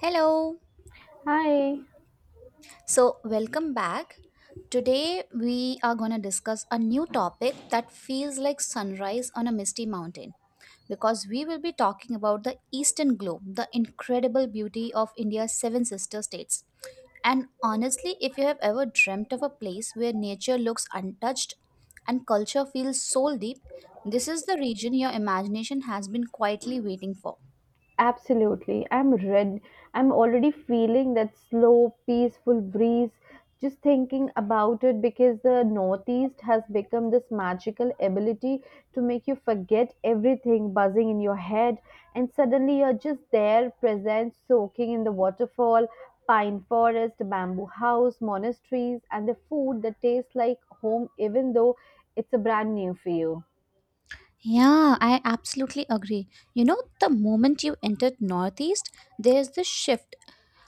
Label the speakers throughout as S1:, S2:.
S1: Hello.
S2: Hi.
S1: So, welcome back. Today we are going to discuss a new topic that feels like sunrise on a misty mountain because we will be talking about the eastern globe, the incredible beauty of India's seven sister states. And honestly, if you have ever dreamt of a place where nature looks untouched and culture feels soul deep, this is the region your imagination has been quietly waiting for.
S2: Absolutely. I'm red. I'm already feeling that slow, peaceful breeze just thinking about it because the Northeast has become this magical ability to make you forget everything buzzing in your head, and suddenly you're just there, present, soaking in the waterfall, pine forest, bamboo house, monasteries, and the food that tastes like home, even though it's a brand new for you.
S1: Yeah, I absolutely agree. You know, the moment you entered Northeast, there's this shift.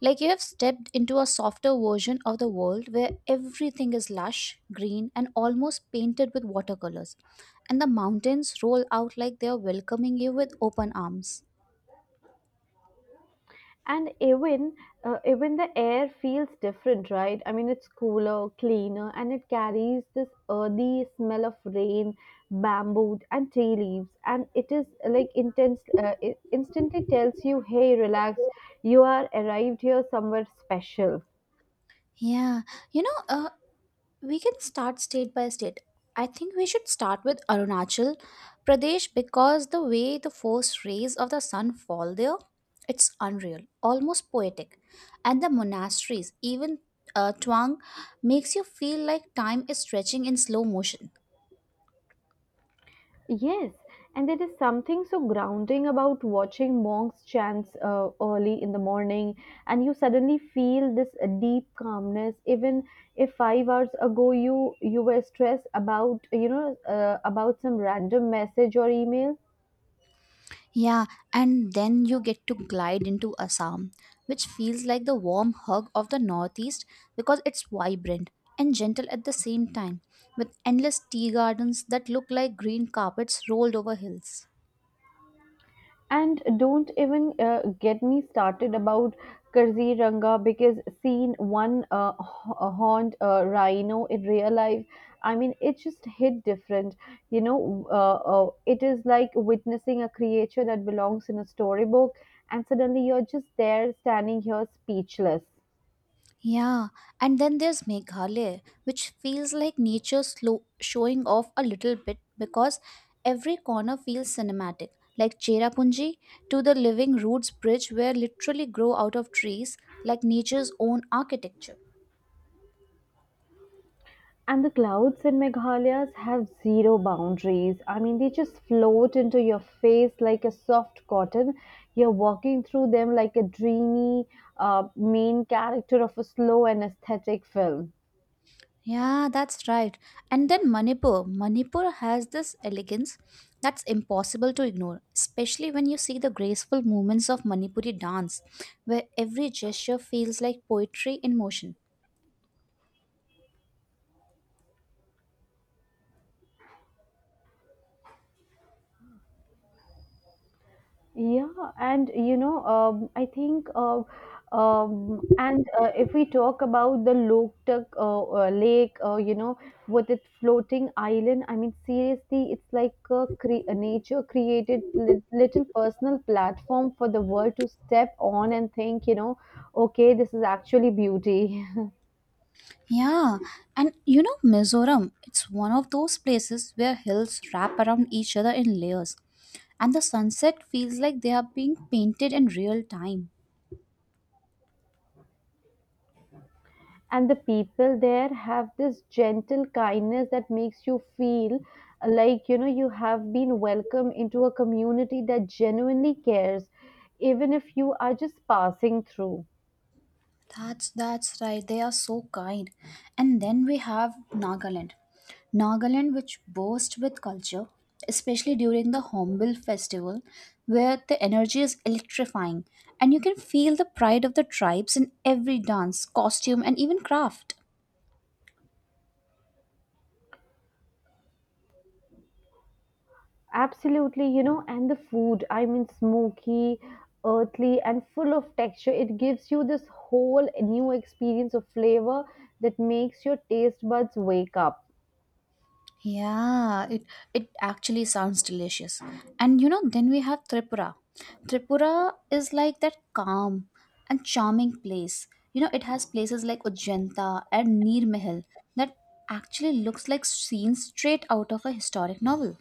S1: Like you have stepped into a softer version of the world where everything is lush, green, and almost painted with watercolors. And the mountains roll out like they are welcoming you with open arms.
S2: And even the air feels different, right? I mean, it's cooler, cleaner, and it carries this earthy smell of rain, bamboo and tea leaves. And it is like intense. It instantly tells you, hey, relax, you are arrived here somewhere special.
S1: Yeah, you know, we can start state by state. I think we should start with Arunachal Pradesh because the way the first rays of the sun fall there, it's unreal, almost poetic. And the monasteries, even Twang, makes you feel like time is stretching in slow motion.
S2: Yes, and there is something so grounding about watching monks chants early in the morning, and you suddenly feel this deep calmness. Even if 5 hours ago you were stressed about about some random message or email.
S1: Yeah, and then you get to glide into Assam, which feels like the warm hug of the Northeast because it's vibrant and gentle at the same time, with endless tea gardens that look like green carpets rolled over hills.
S2: And don't even get me started about Karzi Ranga, because seeing one horned rhino in real life, I mean, it just hit different. It is like witnessing a creature that belongs in a storybook, and suddenly you're just there standing here speechless.
S1: Yeah, and then there's Meghalaya, which feels like nature slow showing off a little bit because every corner feels cinematic, like Cherrapunji to the Living Roots Bridge, where literally grow out of trees like nature's own architecture.
S2: And the clouds in Meghalaya have zero boundaries. I mean, they just float into your face like a soft cotton. You're walking through them like a dreamy main character of a slow and aesthetic film.
S1: Yeah, that's right. And then Manipur. Manipur has this elegance that's impossible to ignore, especially when you see the graceful movements of Manipuri dance, where every gesture feels like poetry in motion.
S2: Yeah, and you know, I think, and If we talk about the Loktak lake, with its floating island, I mean, seriously, it's like a nature created little personal platform for the world to step on and think, you know, okay, this is actually beauty.
S1: Yeah, and you know, Mizoram, it's one of those places where hills wrap around each other in layers, and the sunset feels like they are being painted in real time.
S2: And the people there have this gentle kindness that makes you feel like, you know, you have been welcome into a community that genuinely cares, even if you are just passing through.
S1: That's right. They are so kind. And then we have Nagaland. Nagaland which boasts with culture, especially during the Hornbill festival, where the energy is electrifying and you can feel the pride of the tribes in every dance, costume and even craft.
S2: Absolutely. You know, and the food, I mean, smoky, earthly, and full of texture, it gives you this whole new experience of flavor that makes your taste buds wake up.
S1: Yeah, it actually sounds delicious. And you know, then we have Tripura. Tripura is like that calm and charming place. You know, it has places like Ujjanta and Nir Mahal that actually looks like scenes straight out of a historic novel.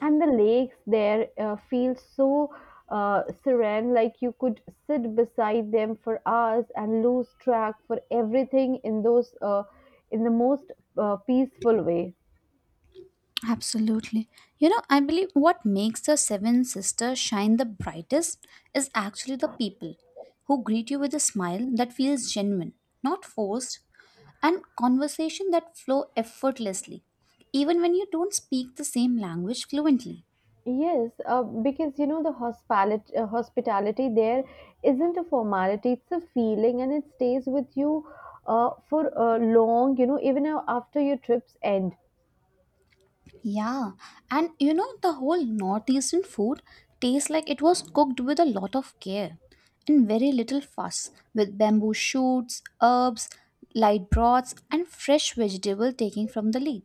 S2: And the lakes there feel so serene, like you could sit beside them for hours and lose track for everything in those, in the most peaceful way.
S1: Absolutely. You know, I believe what makes the Seven Sisters shine the brightest is actually the people who greet you with a smile that feels genuine, not forced, and conversation that flow effortlessly, even when you don't speak the same language fluently.
S2: Yes, because, you know, the hospitality, hospitality there isn't a formality, it's a feeling, and it stays with you for long, you know, even after your trips end.
S1: Yeah, and you know, the whole northeastern food tastes like it was cooked with a lot of care and very little fuss, with bamboo shoots, herbs, light broths, and fresh vegetable taking from the leaf.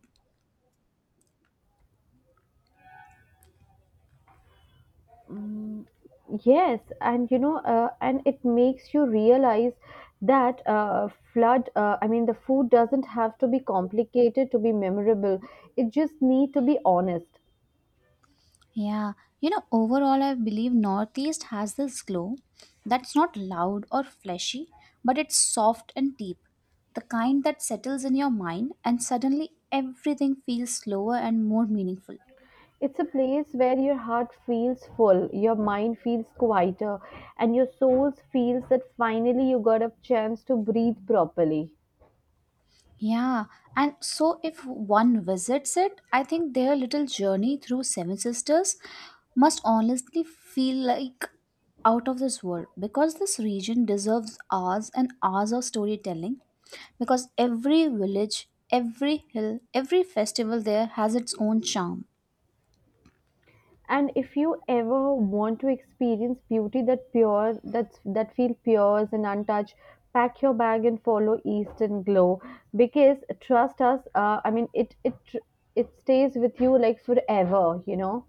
S2: Mm, yes, and, you know, and it makes you realize that, I mean, the food doesn't have to be complicated to be memorable. It just need to be honest.
S1: Yeah, you know, overall, I believe Northeast has this glow that's not loud or flashy, but it's soft and deep. The kind that settles in your mind, and suddenly everything feels slower and more meaningful.
S2: It's a place where your heart feels full, your mind feels quieter, and your soul feels that finally you got a chance to breathe properly.
S1: Yeah, and so if one visits it, I think their little journey through Seven Sisters must honestly feel like out of this world because this region deserves hours and hours of storytelling because every village, every hill, every festival there has its own charm.
S2: And if you ever want to experience beauty that pure, that feel pure and untouched, pack your bag and follow Eastern Glow because trust us, I mean, it it stays with you like forever, you know.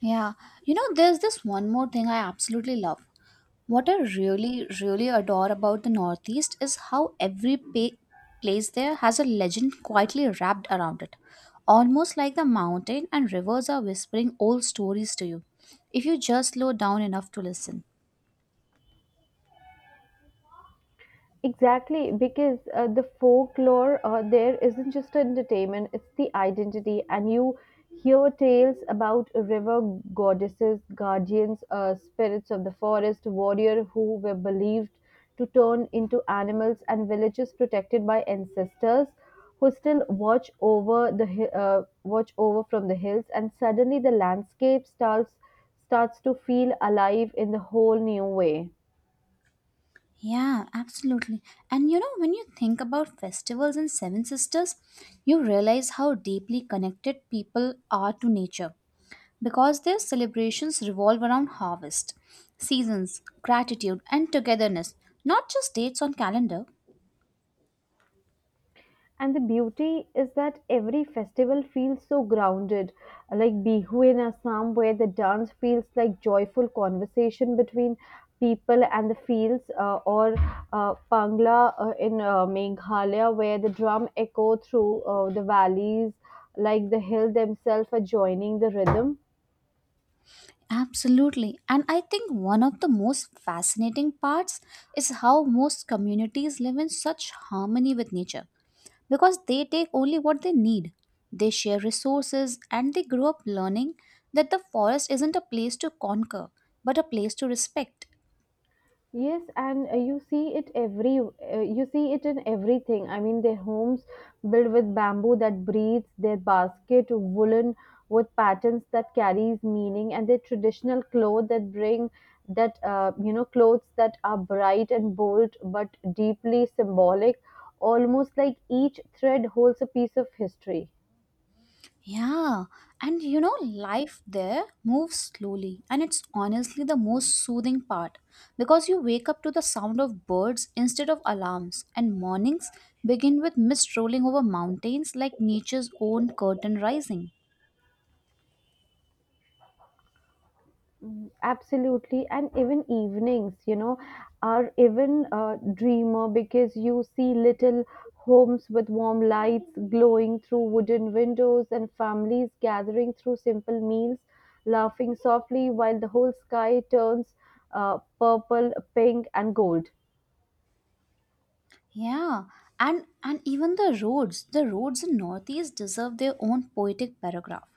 S1: Yeah, you know, there's this one more thing I absolutely love. What I really, really adore about the Northeast is how every place there has a legend quietly wrapped around it, almost like the mountain and rivers are whispering old stories to you, if you just slow down enough to listen.
S2: Exactly, because the folklore there isn't just entertainment, it's the identity. And you hear tales about river goddesses, guardians, spirits of the forest, warrior who were believed to turn into animals, and villages protected by ancestors who still watch over from the hills. And suddenly, the landscape starts to feel alive in the whole new way.
S1: Yeah, absolutely. And you know, when you think about festivals and Seven Sisters, you realize how deeply connected people are to nature because their celebrations revolve around harvest, seasons, gratitude, and togetherness, not just dates on calendar.
S2: And the beauty is that every festival feels so grounded, like Bihu in Assam, where the dance feels like joyful conversation between people and the fields, or Pangla in Meghalaya, where the drum echo through the valleys, like the hill themselves are joining the rhythm.
S1: Absolutely. And I think one of the most fascinating parts is how most communities live in such harmony with nature because they take only what they need. They share resources and they grow up learning that the forest isn't a place to conquer but a place to respect.
S2: Yes, and you see it in everything. I mean, their homes built with bamboo that breathes, their basket woolen with patterns that carries meaning, and their traditional clothes that bring that you know clothes that are bright and bold but deeply symbolic, almost like each thread holds a piece of history.
S1: Yeah, and you know, life there moves slowly, and it's honestly the most soothing part because you wake up to the sound of birds instead of alarms, and mornings begin with mist rolling over mountains like nature's own curtain rising.
S2: Absolutely, and even evenings, you know, are even dreamer, because you see little homes with warm lights glowing through wooden windows and families gathering through simple meals, laughing softly while the whole sky turns purple, pink and gold.
S1: Yeah, and even the roads in Northeast deserve their own poetic paragraph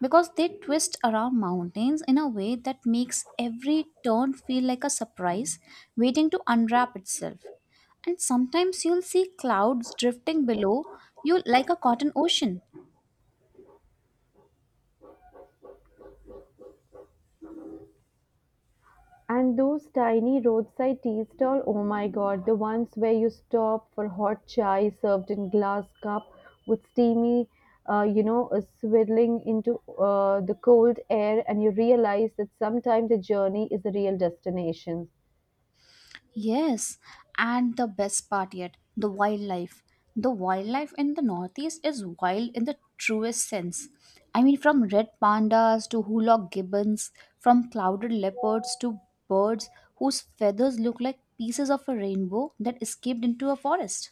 S1: because they twist around mountains in a way that makes every turn feel like a surprise waiting to unwrap itself. And sometimes you'll see clouds drifting below you like a cotton ocean.
S2: And those tiny roadside tea stall, oh my god, the ones where you stop for hot chai served in glass cup with steamy, swirling into the cold air, and you realize that sometimes the journey is the real destination.
S1: Yes, and the best part yet, the wildlife. The wildlife in the Northeast is wild in the truest sense. I mean, from red pandas to hulog gibbons, from clouded leopards to birds whose feathers look like pieces of a rainbow that escaped into a forest.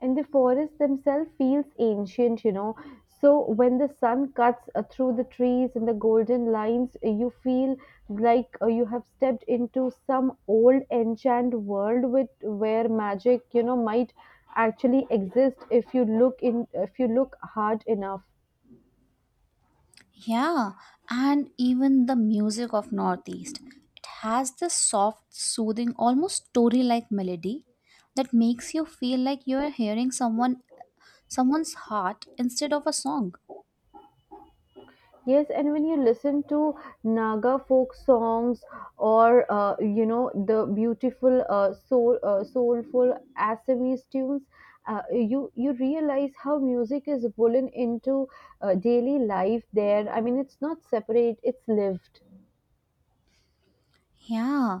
S2: And the forest themselves feels ancient, you know, so when the sun cuts through the trees and the golden lines, you feel like you have stepped into some old enchanted world with where magic, you know, might actually exist if you look hard enough.
S1: Yeah, and even the music of Northeast. It has this soft, soothing, almost story like melody that makes you feel like you are hearing someone's heart instead of a song.
S2: Yes, and when you listen to Naga folk songs or, you know, the beautiful soulful Assamese tunes, you realize how music is woven into daily life there. I mean, it's not separate; it's lived.
S1: Yeah,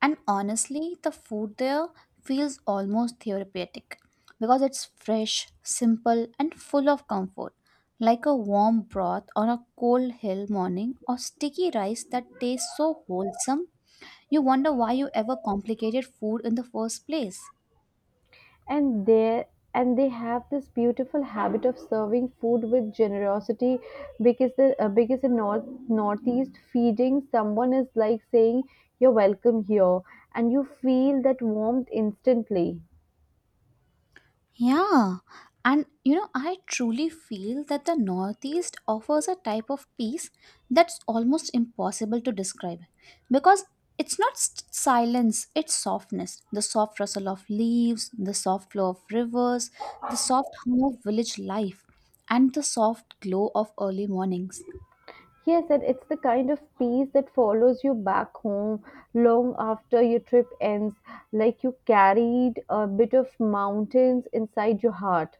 S1: and honestly, the food there feels almost therapeutic because it's fresh, simple, and full of comfort, like a warm broth on a cold hill morning or sticky rice that tastes so wholesome. You wonder why you ever complicated food in the first place.
S2: and they and they have this beautiful habit of serving food with generosity, because the because in northeast feeding someone is like saying you're welcome here, and you feel that warmth instantly.
S1: Yeah, and you know, I truly feel that the Northeast offers a type of peace that's almost impossible to describe because it's not s silence, it's softness. The soft rustle of leaves, the soft flow of rivers, the soft hum of village life, and the soft glow of early mornings.
S2: Yes, and it's the kind of peace that follows you back home long after your trip ends, like you carried a bit of mountains inside your heart.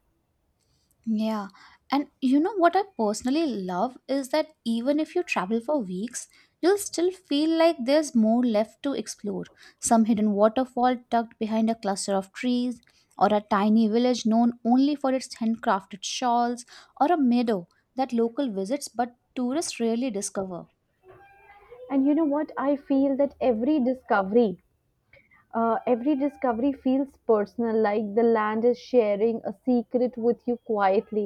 S1: Yeah. And you know what I personally love is that even if you travel for weeks, you'll still feel like there's more left to explore. Some hidden waterfall tucked behind a cluster of trees, or a tiny village known only for its handcrafted shawls, or a meadow that local visits but tourists rarely discover.
S2: And you know what, I feel that every discovery feels personal, like the land is sharing a secret with you quietly.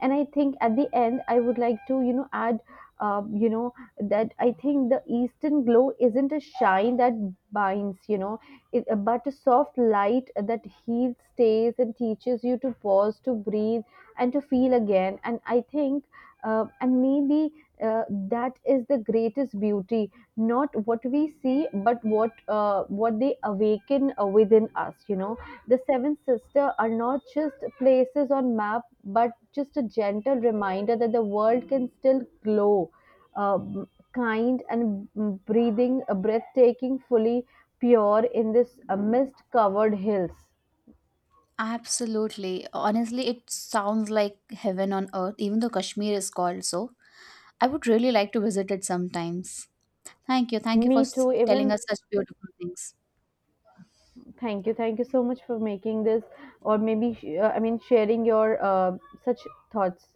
S2: And I think at the end, I would like to, you know, add, uh, you know, that I think the eastern glow isn't a shine that binds, you know, it, but a soft light that heals, stays, and teaches you to pause, to breathe, and to feel again. And I think, and maybe uh, that is the greatest beauty, not what we see but what they awaken within us, you know. The seven Sisters are not just places on map, but just a gentle reminder that the world can still glow um, kind and mm, breathing breathtaking fully pure in this mist covered hills.
S1: Absolutely. Honestly, it sounds like heaven on earth, even though Kashmir is called so. I would really like to visit it sometimes. Thank you. Thank you
S2: Me
S1: for
S2: too. Even
S1: telling us such beautiful things.
S2: thank you. Thank you so much for making this, or maybe, I mean, sharing your such thoughts.